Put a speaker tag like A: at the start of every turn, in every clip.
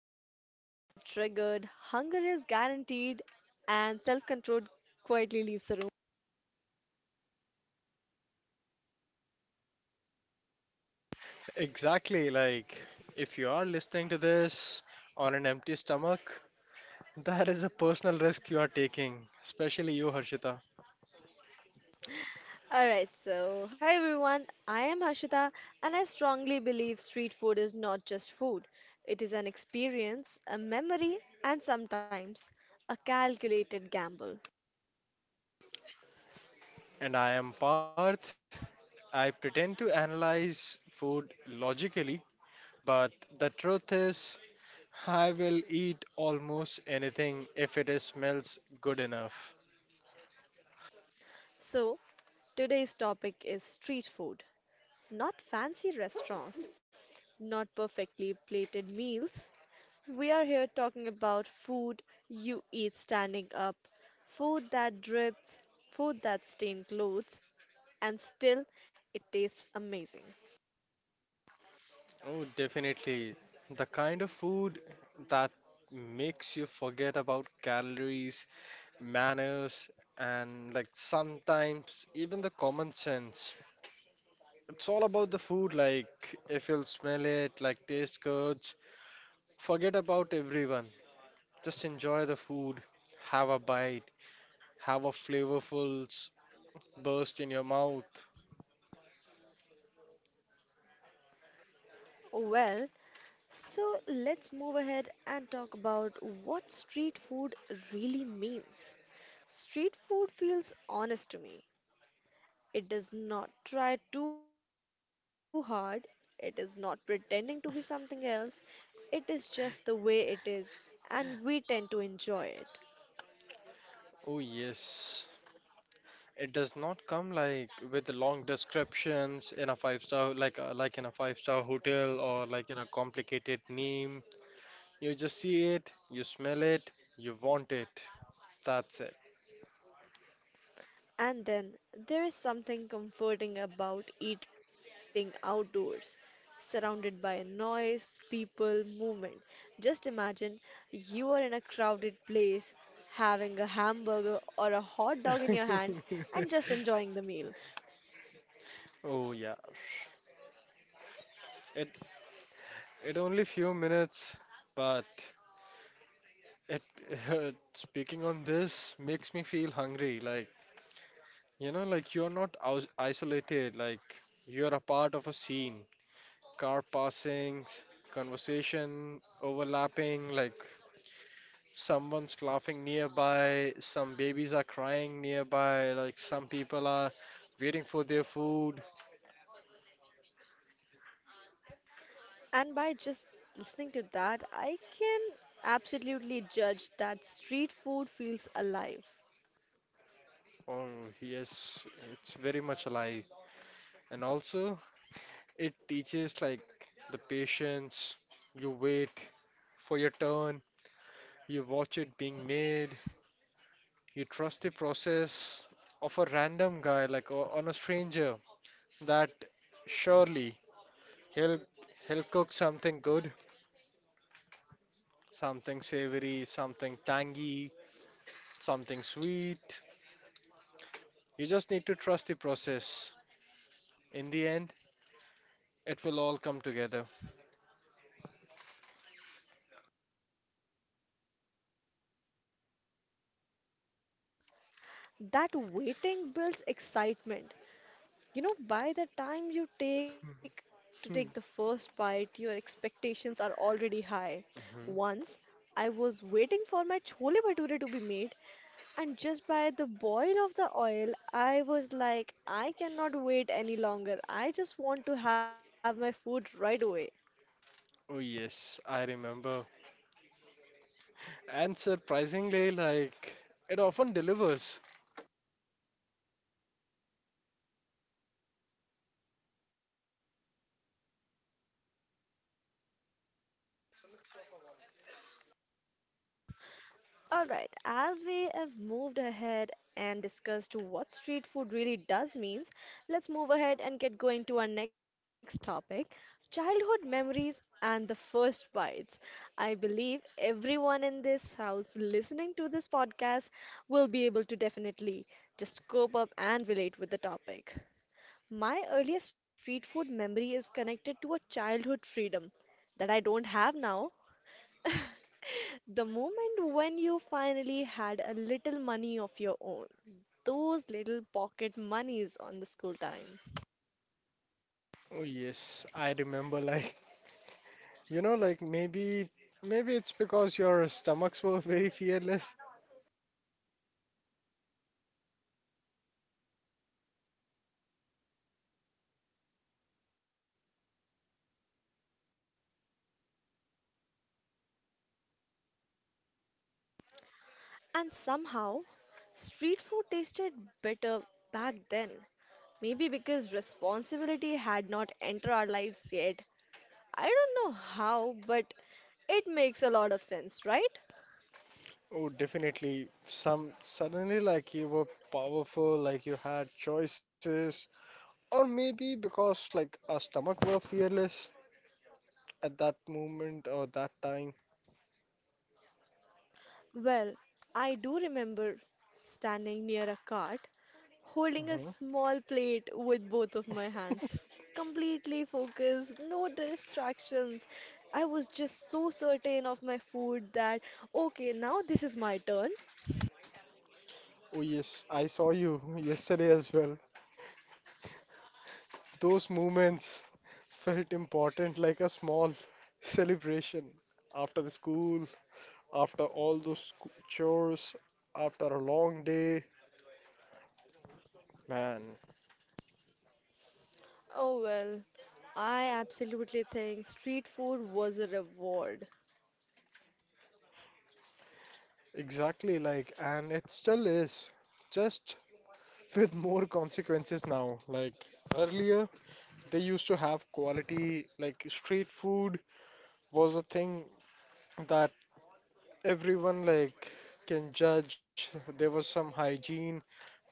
A: where cravings are triggered, hunger is guaranteed, and self control quietly leaves the room.
B: Exactly, like if you are listening to this on an empty stomach, that is a personal risk you are taking, especially you, Harshita.
A: Alright, so hi everyone, I am Harshita, and I strongly believe street food is not just food, it is an experience, a memory, and sometimes a calculated gamble.
B: And I am Parth. I pretend to analyze food logically, but the truth is, I will eat almost anything if it is smells good enough.
A: So, today's topic is street food, not fancy restaurants, not perfectly plated meals. We are here talking about food you eat standing up, food that drips, food that stains clothes, and still it tastes amazing.
B: Oh, definitely. The kind of food that makes you forget about calories, manners, and like sometimes even the common sense. It's all about the food, like if you'll smell it, like taste goods. Forget about everyone. Just enjoy the food, have a bite, have a flavorful burst in your mouth.
A: Well, so let's move ahead and talk about what street food really means. Street food feels honest to me. It does not try too hard, it is not pretending to be something else, it is just the way it is, and we tend to enjoy it.
B: Oh, yes. It does not come like with long descriptions in a five star like in a five-star hotel or like in a complicated name. You just see it, you smell it, you want it. That's it.
A: And then there is something comforting about eating outdoors, surrounded by noise, people, movement. Just imagine you are in a crowded place, having a hamburger or a hot dog in your hand, and just enjoying the meal.
B: Oh yeah. It it only few minutes, but it speaking on this makes me feel hungry. Like you know, like you're not aus isolated. Like you're a part of a scene. Car passings, conversation overlapping. Like someone's laughing nearby. Some babies are crying nearby. Like some people are waiting for their food.
A: And by just listening to that, I can absolutely judge that street food feels alive.
B: Oh yes, it's very much alive. And also, it teaches like the patience. You wait for your turn, you watch it being made, you trust the process of a random guy, like on a stranger, that surely he'll he'll cook something good, something savory, something tangy, something sweet. You just need to trust the process. In the end, it will all come together.
A: That waiting builds excitement. You know, by the time you take to take the
B: Hmm.
A: first bite, your expectations are already high. Once I was waiting for my chole bhature to be made, and just by the boil of the oil, I was like, I cannot wait any longer. I just want to have my food right away.
B: Oh yes, I remember. And surprisingly, like it often delivers.
A: Alright, as we have moved ahead and discussed what street food really does means, let's move ahead and get going to our next topic, childhood memories and the first bites. I believe everyone in this house listening to this podcast will be able to definitely just cope up and relate with the topic. My earliest street food memory is connected to a childhood freedom that I don't have now, the moment when you finally had a little money of your own, those little pocket monies on the school time.
B: Oh, yes. I remember, like, you know, like maybe it's because your stomachs were very fearless.
A: And somehow, street food tasted better back then. Maybe because responsibility had not entered our lives yet. I don't know how, but it makes a lot of sense, right?
B: Oh, definitely. Some suddenly like you were powerful, like you had choices, or maybe because like our stomach were fearless at that moment or that time.
A: Well, I do remember standing near a cart holding a
B: uh
A: small plate with both of my hands, completely focused, no distractions. I was just so certain of my food that, okay, now this is my turn.
B: Oh yes, I saw you yesterday as well. Those moments felt important, like a small celebration after the school, after all those chores, after a long day. Man,
A: Oh well, I absolutely think street food was a reward.
B: exactly, like, and it still is, just with more consequences now. Like earlier, they used to have quality, like street food was a thing that everyone like can judge. There was some hygiene,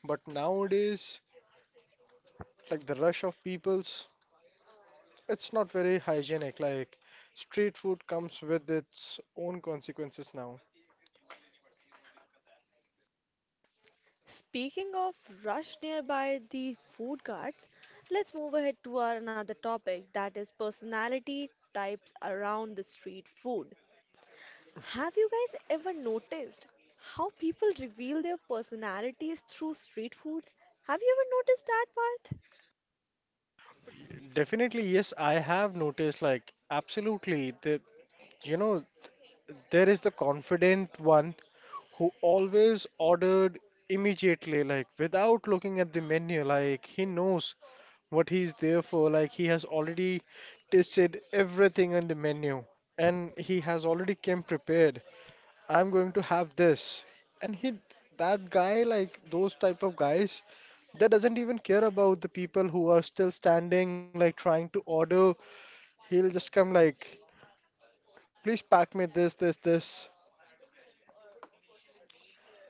B: but nowadays, like the rush of peoples. It's not very hygienic. Like street food comes with its own consequences now.
A: Speaking of rush nearby the food carts, let's move ahead to our another topic, that is personality types around the street food. Have you guys ever noticed how people reveal their personalities through street foods? Have you ever noticed that, Parth?
B: Definitely, yes, I have noticed. Like absolutely, that you know, there is the confident one who always ordered immediately, like without looking at the menu. Like he knows what he's there for. Like he has already tasted everything on the menu, and he has already came prepared. I'm going to have this. And he, that guy, like those type of guys, that doesn't even care about the people who are still standing, like trying to order. He'll just come like, please pack me this, this, this.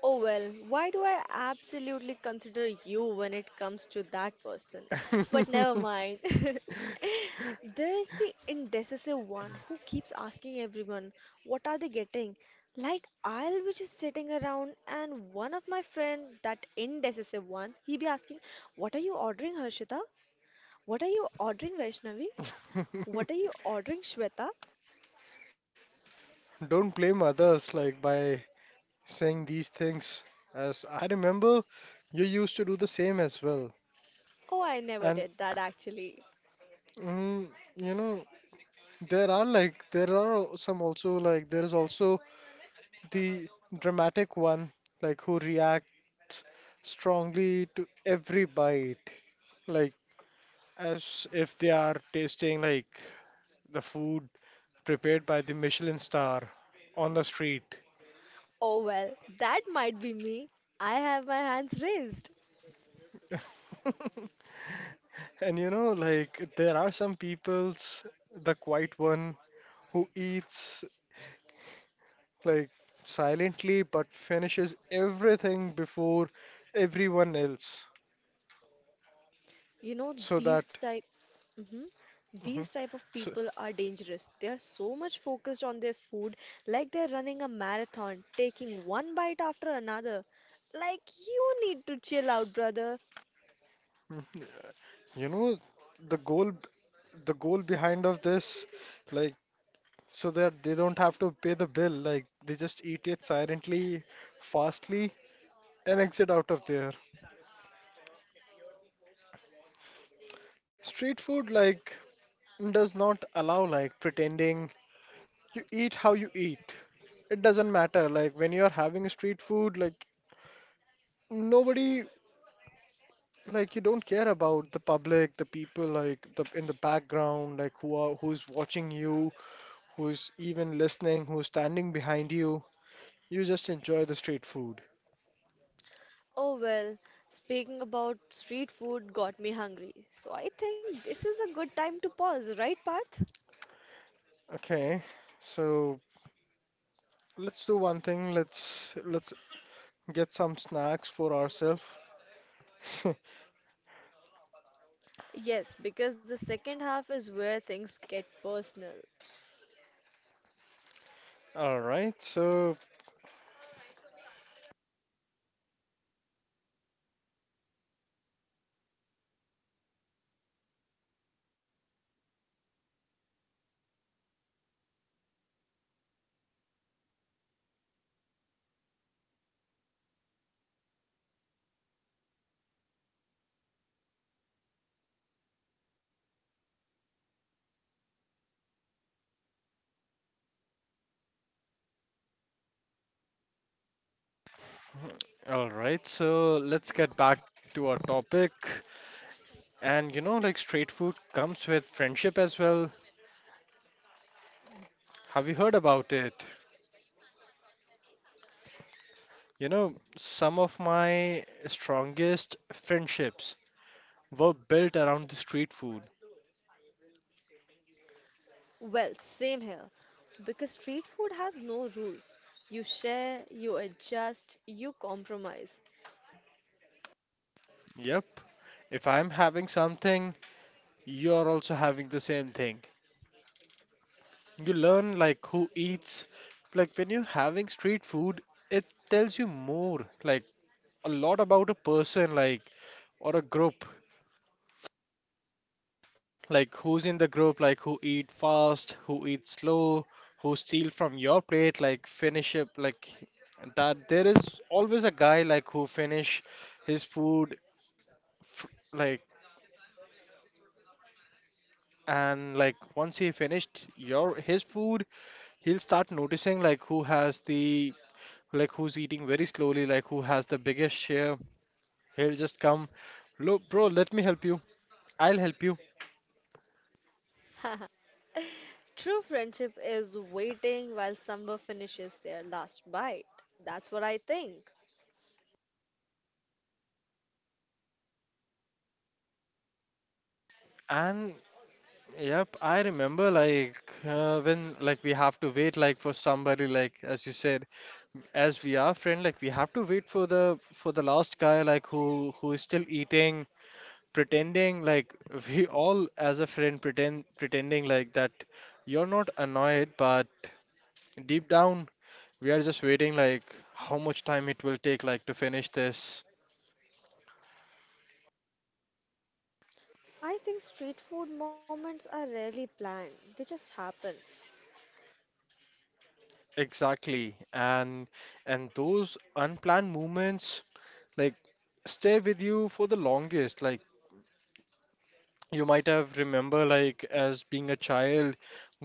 A: Oh, well, why do I absolutely consider you when it comes to that person? But never mind. There is the indecisive one who keeps asking everyone, what are they getting? Like, I'll be just sitting around, and one of my friend, that indecisive one, he be asking, what are you ordering, Harshita? What are you ordering, Vaishnavi? What are you ordering, Shweta?
B: Don't blame others like by saying these things. As I remember, you used to do the same as well.
A: Oh, I never
B: And
A: did that actually.
B: mm, you know, there are some also like there is also the dramatic one, like who reacts strongly to every bite, like as if they are tasting like the food prepared by the Michelin star on the street.
A: Oh well, that might be me. I have my hands raised.
B: And you know, like there are some peoples, the quiet one who eats like silently but finishes everything before everyone else,
A: You know,
B: so that
A: hmm these
B: mhm.
A: type of
B: So
A: people are dangerous. They are so much focused on their food, like they're running a marathon, taking one bite after another. Like you need to chill out, brother.
B: mhm. You know the goal the goal behind of this, like so that they don't have to pay the bill, like they just eat it silently, fastly, and exit out of there. Street food like does not allow like pretending. You eat how you eat. It doesn't matter. Like when you're having a street food, like nobody like you don't care about the public, the people like the in the background, like who's watching you, who's even listening, who's standing behind you. You just enjoy the street food.
A: Oh well, speaking about street food got me hungry. So I think this is a good time to pause, right, Parth?
B: Okay, so let's do one thing. Let's get some snacks for ourselves.
A: Yes, because the second half is where things get personal.
B: All right, so all right, so let's get back to our topic. And you know, like street food comes with friendship as well. Have you heard about it? You know, some of my strongest friendships were built around the street food.
A: Well, same here. Because street food has no rules. You share, you adjust, you compromise.
B: Yep. If I'm having something, you're also having the same thing. You learn like who eats. Like when you're having street food, it tells you more, like a lot about a person, like or a group, like who's in the group, like who eat fast, who eat slow, who steal from your plate, like finish it, like that. There is always a guy like who finish his food, f like and like once he finished your his food, he'll start noticing like who has the like who's eating very slowly, like who has the biggest share. He'll just come, look, bro, let me help you. I'll help you.
A: True friendship is waiting while someone finishes their last bite. That's what I think.
B: And yep, I remember like when like we have to wait like for somebody like as you said, as we are friend, like we have to wait for the last guy like who is still eating, pretending like we all as a friend pretending like that you're not annoyed, but deep down, we are just waiting like how much time it will take like to finish this.
A: I think street food moments are rarely planned, they just happen.
B: Exactly. And those unplanned movements like stay with you for the longest. Like you might have remember like as being a child,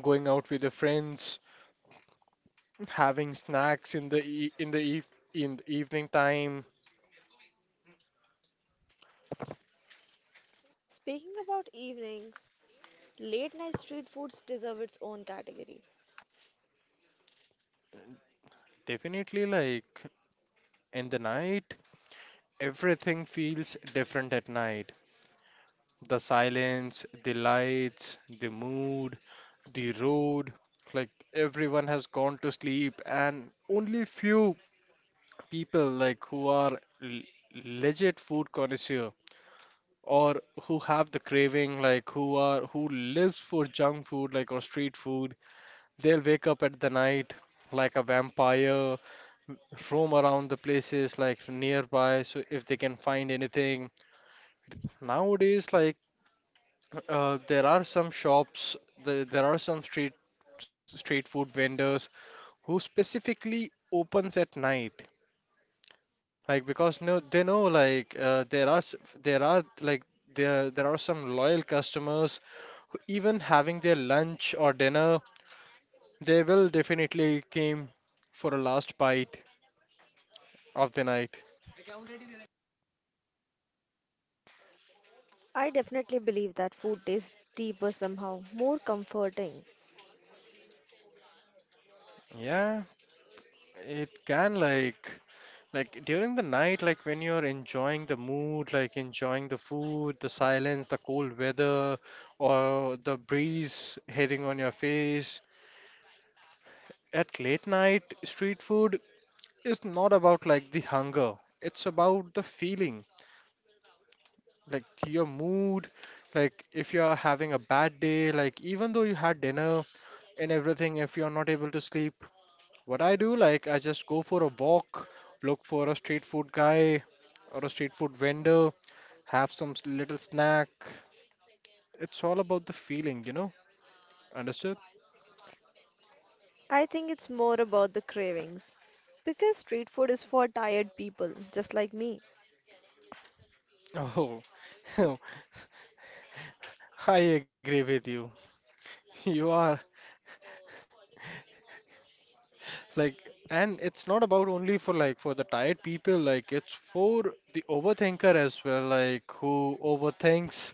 B: going out with your friends, having snacks in the evening time.
A: Speaking about evenings, late night street foods deserve its own category.
B: Definitely like in the night, everything feels different at night. The silence, the lights, the mood, the road. Like everyone has gone to sleep, and only few people like who are legit food connoisseur or who have the craving, like who lives for junk food, like or street food. They'll wake up at the night like a vampire, roam around the places like nearby, so if they can find anything. Nowadays, like there are some shops, there are some street food vendors who specifically opens at night. Like because no, they know like there are like there are some loyal customers who even having their lunch or dinner, they will definitely came for a last bite of the night.
A: I definitely believe that food tastes deeper somehow, more comforting.
B: Yeah, it can like. Like during the night, like when you're enjoying the mood, like enjoying the food, the silence, the cold weather, or the breeze hitting on your face. At late night, street food is not about like the hunger. It's about the feeling, like your mood, like if you're having a bad day, like even though you had dinner and everything, if you're not able to sleep, what I do, like I just go for a walk, look for a street food guy or a street food vendor have some little snack. It's all about the feeling, you know? Understood?
A: I think it's more about the cravings. Because street food is for tired people, just like me.
B: Oh, I agree with you. You are like, and it's not about only for like for the tired people, like, it's for the overthinker as well, like, who overthinks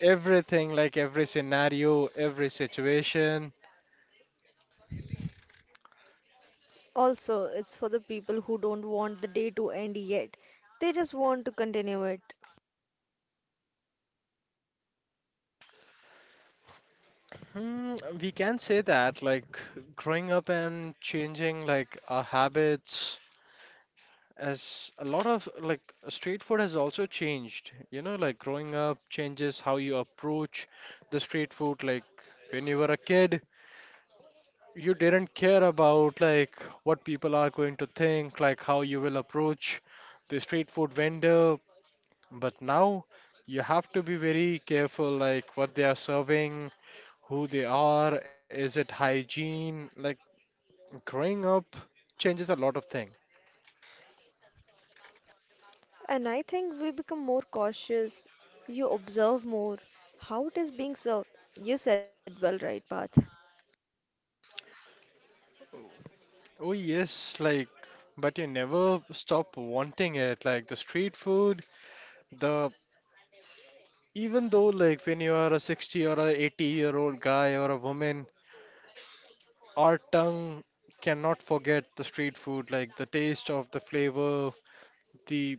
B: everything, like, every scenario, every situation.
A: Also, it's for the people who don't want the day to end yet. They just want to continue it.
B: Hmm, we can say that, like, growing up and changing, like, our habits. As a lot of like street food has also changed, you know, like growing up changes how you approach the street food. Like when you were a kid, you didn't care about like what people are going to think, like how you will approach the street food vendor. But now you have to be very careful, like what they are serving, who they are, is it hygiene? Like growing up changes a lot of things.
A: And I think we become more cautious. You observe more how it is being served. You said well, right, Parth?
B: Oh yes, like, but you never stop wanting it. Like the street food, the even though like when you are a 60 or a 80-year-old guy or a woman, our tongue cannot forget the street food. Like the taste of the flavor, the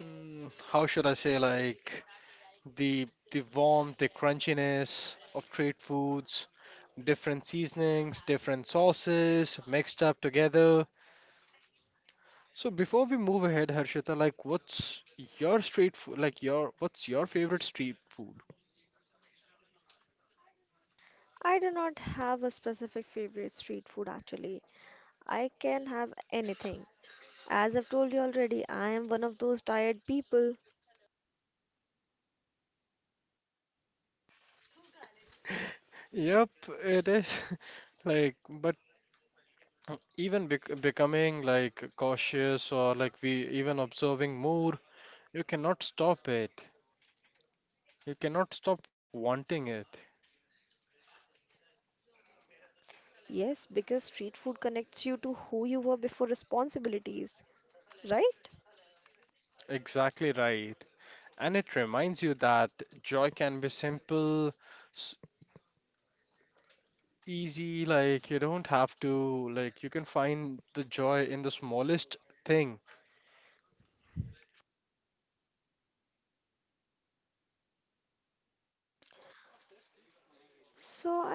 B: how should I say like the warmth, the crunchiness of street foods, different seasonings, different sauces mixed up together. So before we move ahead, Harshita, like what's your street food, like your what's your favorite street food?
A: I do not have a specific favorite street food actually. I can have anything. As I've told you already, I am one of those tired people.
B: Yep, it is. Like, but even becoming like cautious or like we even observing more, you cannot stop it. You cannot stop wanting it.
A: Yes, because street food connects you to who you were before responsibilities, right?
B: Exactly right. And it reminds you that joy can be simple, s- easy, like you don't have to like you can find the joy in the smallest thing.
A: So I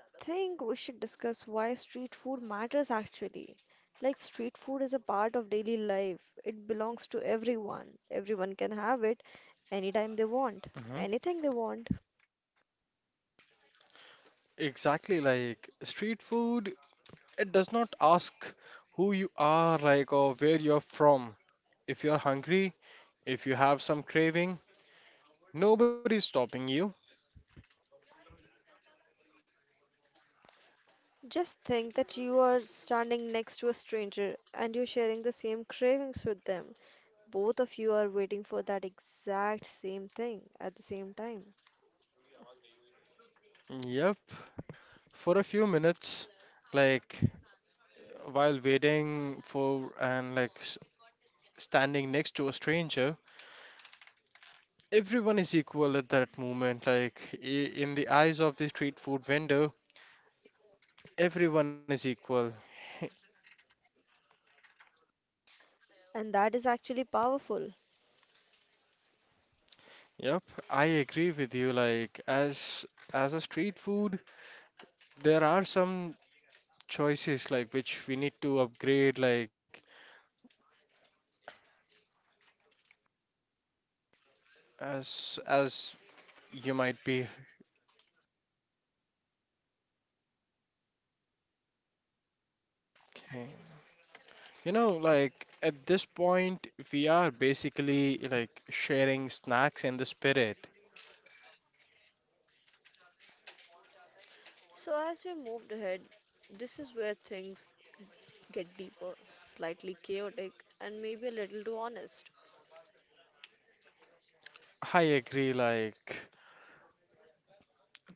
A: think we should discuss why street food matters actually. Like street food is a part of daily life. It belongs to everyone. Everyone can have it anytime they want,
B: Mm-hmm.
A: anything they want.
B: Exactly, like street food, it does not ask who you are, like, or where you're from. If you're hungry, if you have some craving, nobody's stopping you.
A: Just think that you are standing next to a stranger and you're sharing the same cravings with them. Both of you are waiting for that exact same thing at the same time.
B: Yep, for a few minutes, like, while waiting for and like standing next to a stranger, everyone is equal at that moment. Like, in the eyes of the street food vendor, everyone is equal.
A: And that is actually powerful.
B: Yep, I agree with you. Like, as a street food, there are some choices like which we need to upgrade like as you might be okay. You know, like at this point we are basically like sharing snacks in the spirit.
A: So, as we moved ahead, this is where things get deeper, slightly chaotic, and maybe a little too honest.
B: I agree, like,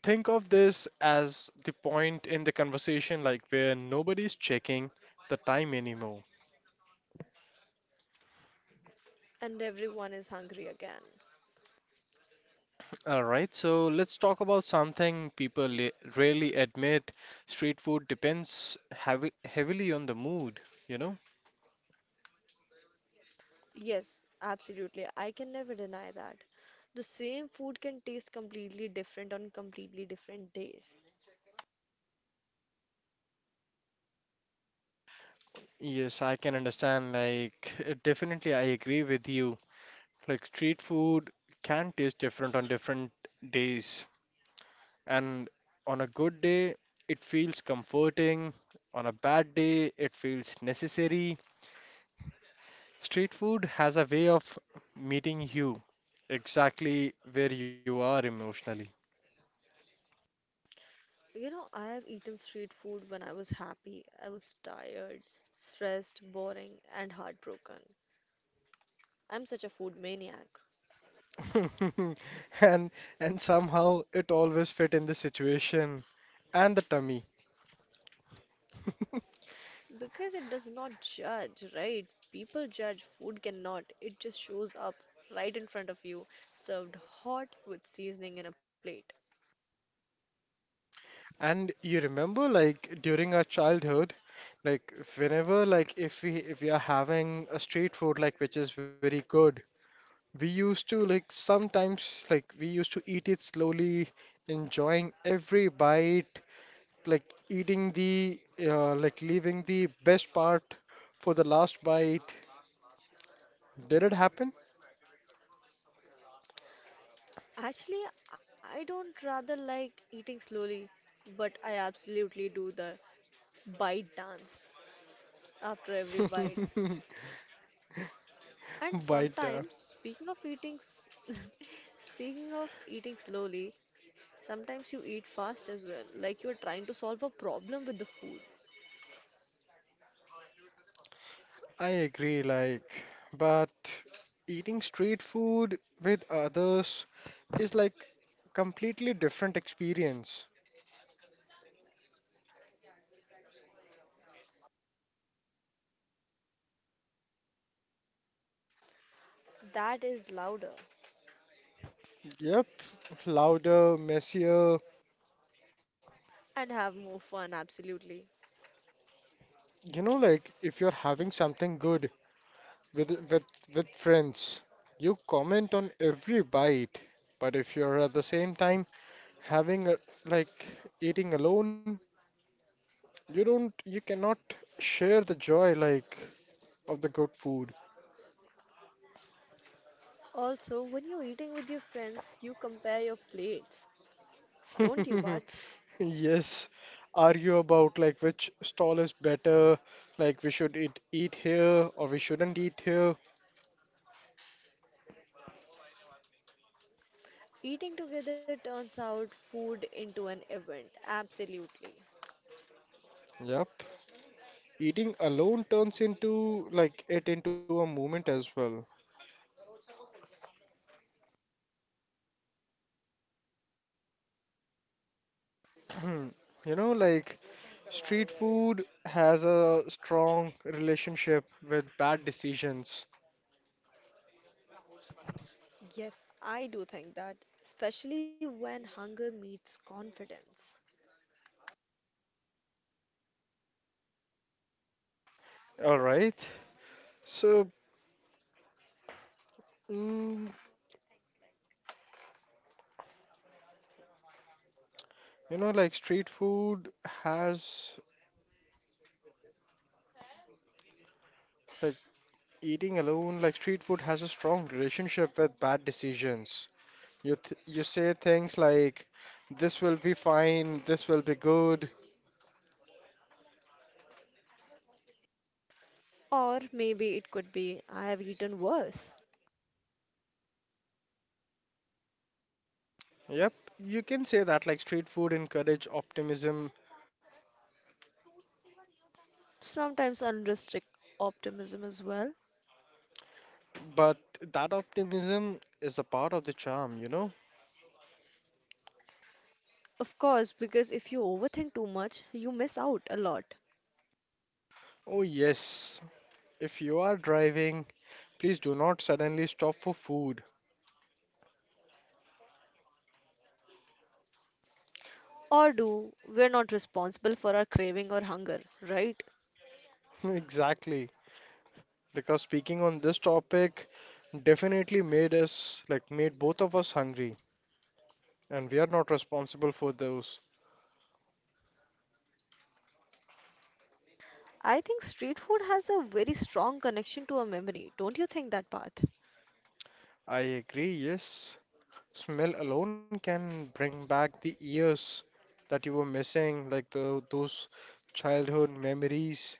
B: think of this as the point in the conversation like where nobody's checking the time anymore.
A: And everyone is hungry again.
B: All right, so let's talk about something rarely admit. Street food depends heavy heavily on the mood, you know?
A: Yes, absolutely. I can never deny that. The same food can taste completely different on completely different days.
B: Yes, I can understand. Like, definitely, I agree with you. Like, street food can taste different on different days. And on a good day, it feels comforting. On a bad day, it feels necessary. Street food has a way of meeting you exactly where you are emotionally.
A: You know, I have eaten street food when I was happy, I was tired, stressed, boring, and heartbroken. I'm such a food maniac,
B: and and somehow it always fit in the situation and the tummy.
A: because it does not judge, right? People judge, food cannot. It just shows up right in front of you, served hot with seasoning in a plate.
B: And you remember like during our childhood, like whenever like if we are having a street food like which is very good, we used to like sometimes like we used to eat it slowly, enjoying every bite, like eating the like leaving the best part for the last bite. Did it happen?
A: Actually, I don't rather like eating slowly, but I absolutely do the bite dance after every bite. And
B: Bite.
A: sometimes, speaking of eating, s- speaking of eating slowly, sometimes you eat fast as well, like you're trying to solve a problem with the food.
B: I agree, like, but eating street food with others is like completely different experience.
A: That is louder.
B: Yep, louder, messier.
A: And have more fun, absolutely.
B: You know, like if you're having something good with with with friends, you comment on every bite. But if you're at the same time having like eating alone, you don't, you cannot share the joy like of the good food.
A: Also, when you're eating with your friends, you compare your plates, don't you, Parth?
B: Yes, argue about like which stall is better, like we should eat here or we shouldn't eat here.
A: Eating together turns out food into an event, absolutely.
B: Yep. Eating alone turns into like it into a movement as well. Hmm. You know, like street food has a strong relationship with bad decisions.
A: Yes, I do think that, especially when hunger meets confidence.
B: All right. So, mm, you know, like street food has like. Eating alone, like street food, has a strong relationship with bad decisions. You say things like, "This will be fine," "This will be good."
A: Or maybe it could be, I have eaten worse.
B: Yep, you can say that. Like street food encourage optimism,
A: Sometimes unrestricted optimism as well.
B: but that optimism is a part of the charm, you know?
A: Of course, because if you overthink too much, you miss out a lot.
B: Oh yes, if you are driving, please do not suddenly stop for food.
A: Or do, we're not responsible for our craving or hunger, right?
B: Exactly, because speaking on this topic definitely made us made both of us hungry. And we are not responsible for those.
A: I think street food has a very strong connection to a memory. Don't you think that, Path?
B: I agree, yes. Smell alone can bring back the years that you were missing, like the those childhood memories.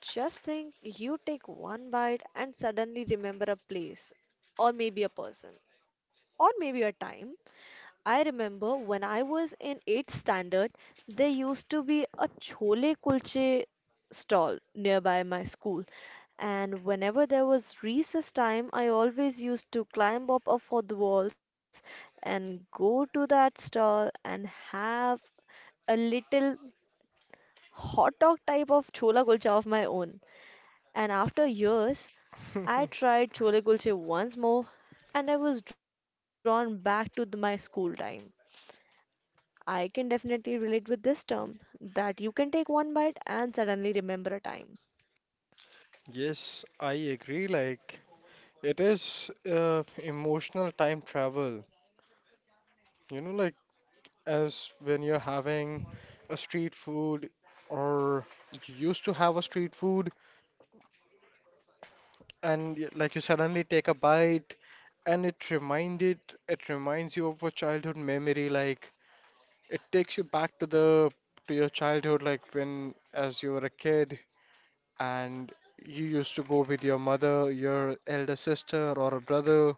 A: Just think you take one bite and suddenly remember a place or maybe a person, or maybe a time. I remember when I was in 8th standard, there used to be a chole kulche stall nearby my school. And whenever there was recess time, I always used to climb up off of the walls and go to that stall and have a little hot dog type of chola kulcha of my own. And after years, I tried chole kulche once more and I was drawn back to my school time. I can definitely relate with this term that you can take one bite and suddenly remember a time.
B: Yes, I agree. Like it is emotional time travel. You know, like as when you're having a street food or you used to have a street food and like you suddenly take a bite and it reminded it reminds you of a childhood memory like it takes you back to your childhood like when as you were a kid and you used to go with your mother, your elder sister or a brother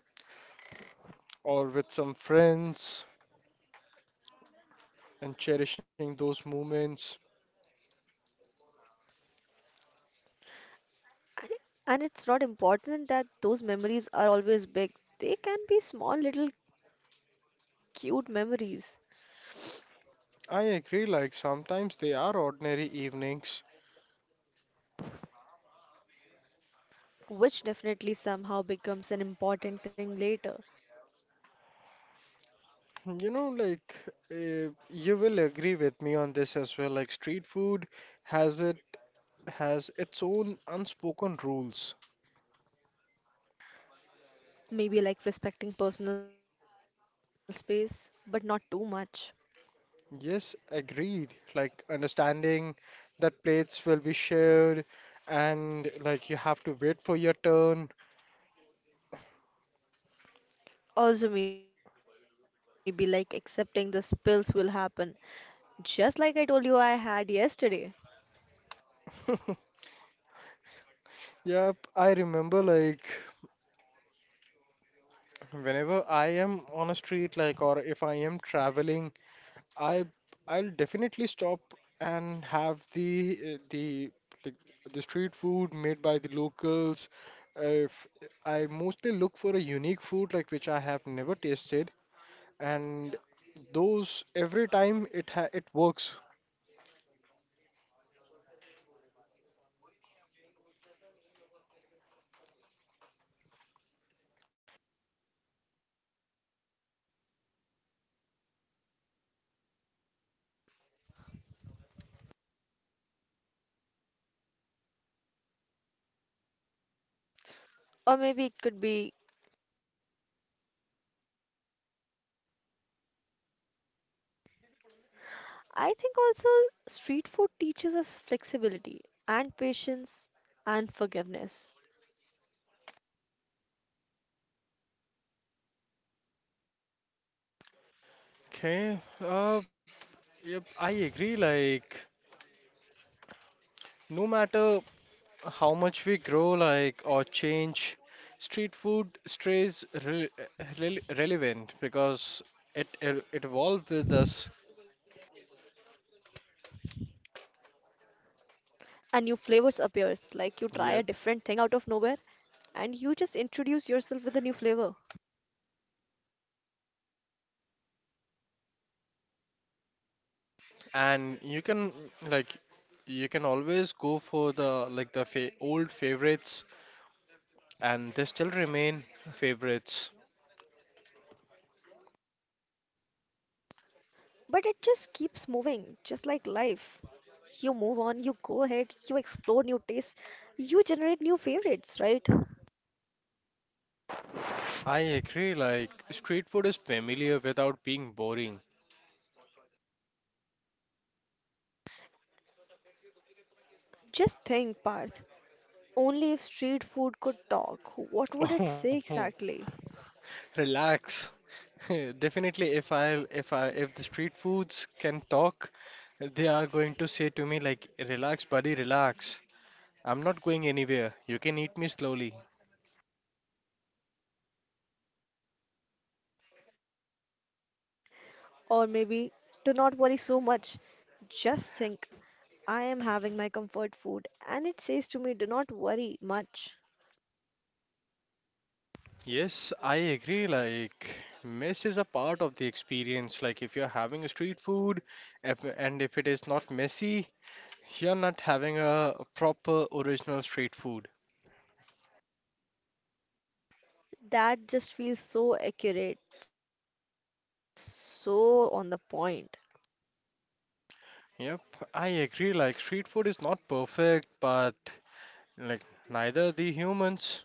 B: or with some friends and cherishing those moments.
A: And it- and it's not important that those memories are always big. They can be small, little cute memories,
B: I agree, like sometimes they are ordinary evenings.
A: which definitely somehow becomes an important thing later.
B: You know, like you will agree with me on this as well. Like street food has it has its own unspoken rules.
A: Maybe like respecting personal space, but not too much.
B: Yes, agreed. Like understanding that plates will be shared and like you have to wait for your turn.
A: Also, maybe like accepting the spills will happen, just like I told you I had yesterday.
B: Yep, I remember like whenever I am on a street like or if I am traveling, I I'll definitely stop and have like, the street food made by the locals. If I mostly look for a unique food like which I have never tasted, and those every time it works.
A: Or maybe it could be I think also street food teaches us flexibility and patience and forgiveness.
B: Okay. Uh, yep, I agree. Like, no matter how much we grow, like, or change, street food stays re re relevant because it evolved with us.
A: And new flavors appears like you
B: Yep.
A: try a different thing out of nowhere and you just introduce yourself with a new flavor.
B: And you can like you can always go for the like the fa old favorites, and they still remain favorites.
A: But it just keeps moving, just like life. You move on, you go ahead, you explore new tastes, you generate new favorites, right?
B: I agree, like, street food is familiar without being boring.
A: Just think, Parth. Only if street food could
B: Oh,
A: talk, what would it say exactly?
B: relax. Definitely, if the street foods can talk, they are going to say to me like, "Relax, buddy, relax. I'm not going anywhere. You can eat me slowly."
A: Or maybe to not worry so much. Just think, I am having my comfort food and it says to me, do not worry much.
B: Yes, I agree. Like, mess is a part of the experience. Like, if you're having a street food, if, and if it is not messy, you're not having a proper original street food.
A: That just feels so accurate, so on the point.
B: Yep, I agree. Like, street food is not perfect, but like, neither the humans.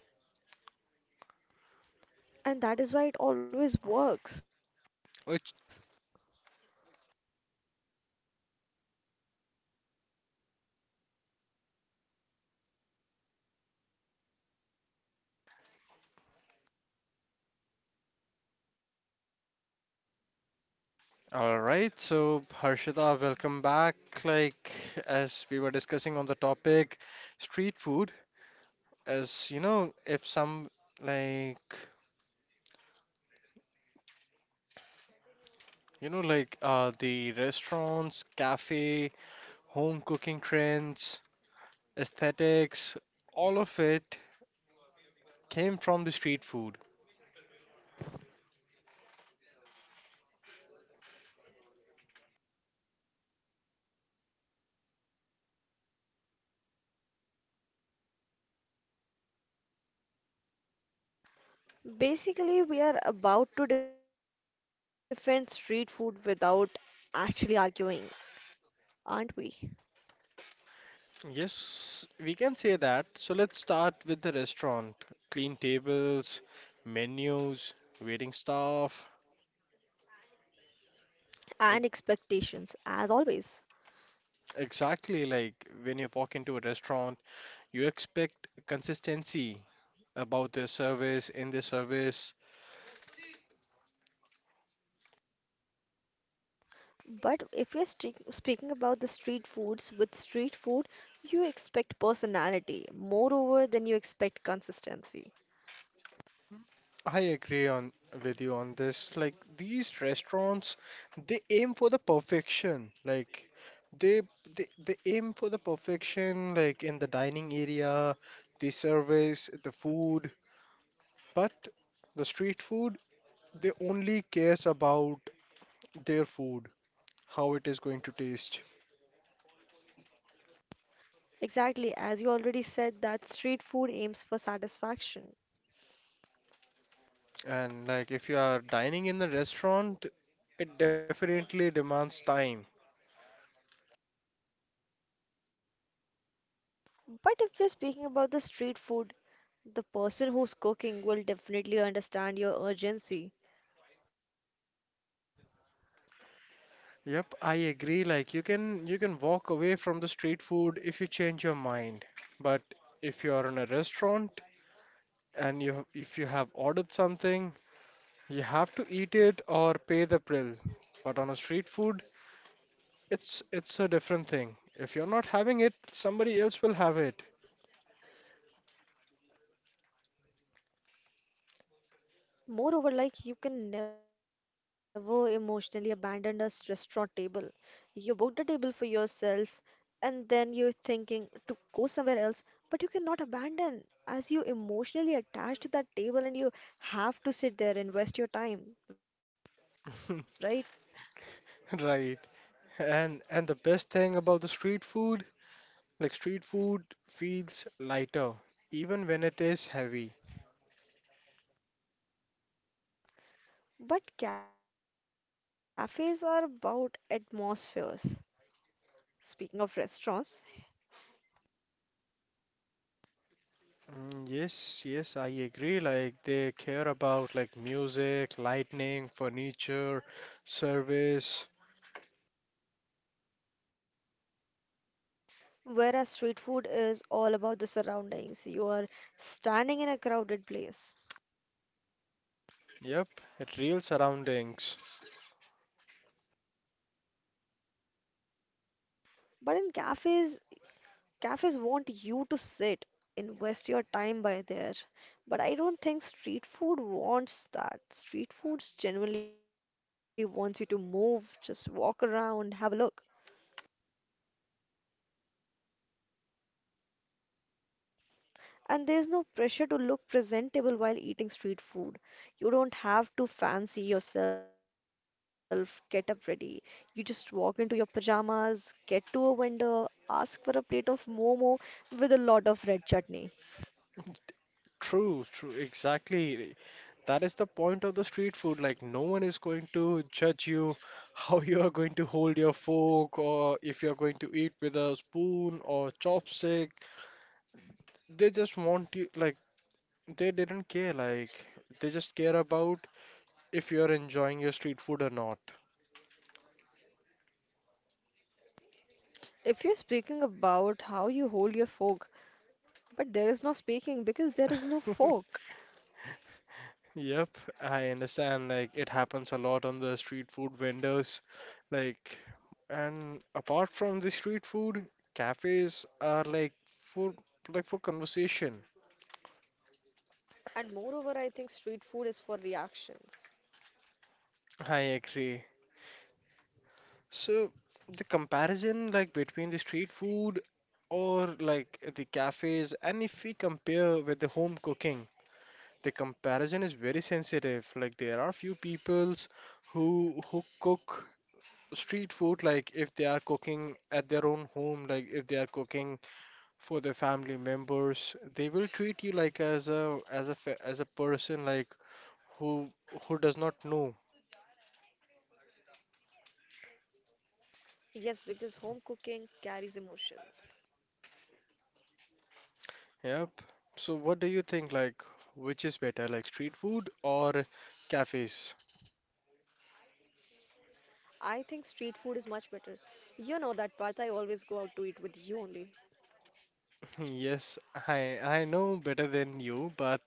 A: And that is why it always
B: Which,
A: works.
B: all right, so Harshita, welcome back. Like, as we were discussing on the topic, street food, as you know, if some like, you know, like the restaurants, cafe, home cooking trends, aesthetics, all of it came from the street food.
A: Basically, we are about to defend street food without actually arguing, aren't we?
B: Yes, we can say that. So let's start with the restaurant. Clean tables, menus, waiting staff.
A: And
B: Ex-
A: expectations, as always.
B: Exactly, like when you walk into a restaurant, you expect consistency in their service.
A: But if you're speaking about the street foods, with street food, you expect personality, moreover, than you expect consistency.
B: I agree on with you on this. Like these restaurants, they aim for the perfection. Like they they aim for the perfection, like in the dining area, the service, the food. But the street food, they only cares about their food, how it is going to taste.
A: Exactly, as you already said, that street food aims for satisfaction.
B: And like if you are dining in a restaurant, it definitely demands time.
A: But if you're speaking about the street food, the person who's cooking will definitely understand your urgency.
B: Yep, I agree. Like you can walk away from the street food if you change your mind. But if you are in a restaurant and you if you have ordered something, you have to eat it or pay the bill. But on a street food, it's a different thing. If you're not having it, somebody else will have it.
A: Moreover, like you can never emotionally abandon a restaurant table. You booked a table for yourself and then you're thinking to go somewhere else, but you cannot abandon as you emotionally attached to that table and you have to sit there, invest your time, right?
B: Right. And the best thing about the street food, like street food feels lighter, even when it is heavy.
A: But cafes are about atmospheres. Speaking of restaurants,
B: Mm, yes, I agree. Like they care about like music, lighting, furniture, service.
A: whereas street food is all about the surroundings, you are standing in a crowded place.
B: Yep, it real surroundings.
A: But in cafes, cafes want you to sit, invest your time by there. But I don't think street food wants that. Street foods genuinely wants you to move, just walk around, have a look. And there's no pressure to look presentable while eating street food. You don't have to fancy yourself, get up ready. You just walk into your pajamas, get to a vendor, ask for a plate of momo with a lot of red chutney.
B: Exactly. That is the point of the street food. Like, no one is going to judge you how you are going to hold your fork or if you are going to eat with a spoon or chopstick. They just want you, like, they didn't care. Like, they just care about if you are enjoying your street food or not.
A: If you're speaking about how you hold your fork, but there is no speaking because there is no fork.
B: Yep, I understand. Like, it happens a lot on the street food vendors. Like, and apart from the street food, cafes are for like for conversation.
A: And moreover, I think street food is for reactions.
B: I agree. So the comparison like between the street food or like the cafes and if we compare with the home cooking, the comparison is very sensitive. Like there are few peoples who cook street food like if they are cooking at their own home, like if they are cooking for their family members, they will treat you like as a person like who who does not know.
A: Yes, because home cooking carries emotions.
B: Yep. So what do you think like which is better like street food or cafes?
A: I think street food is much better. You know that, Parth, I always go out to eat with you only.
B: Yes, I know better than you, but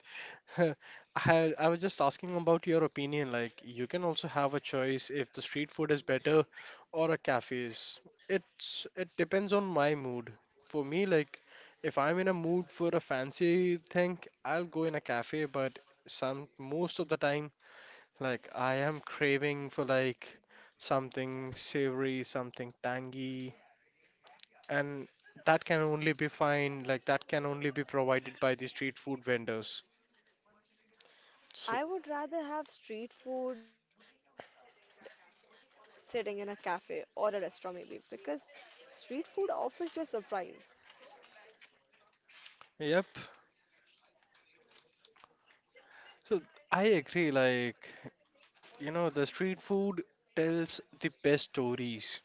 B: I was just asking about your opinion like you can also have a choice if the street food is better or a cafes. It's it depends on my mood. For me like if I'm in a mood for a fancy thing, I'll go in a cafe, but some most of the time like I am craving for like something savory, something tangy, and that can only be find like that can only be provided by the street food vendors. So,
A: I would rather have street food sitting in a cafe or a restaurant, maybe, because street food offers you a surprise.
B: yep. So I agree like you know the street food tells the best stories.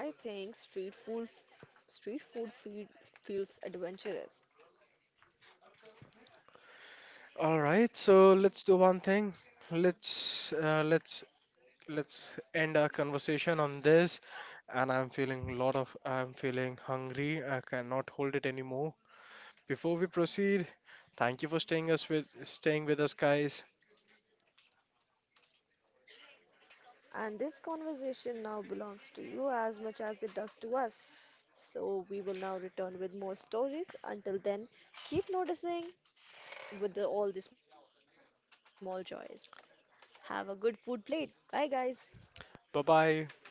A: I think street food, street food feel, feels adventurous.
B: All right, so let's do one thing. Let's uh, let's let's end our conversation on this and I'm feeling a lot of I'm feeling hungry. I cannot hold it anymore. Before we proceed, thank you for staying with us, guys.
A: And this conversation now belongs to you as much as it does to us. So we will now return with more stories. Until then, keep noticing with the, all the small joys. Have a good food plate. Bye, guys.
B: Bye bye.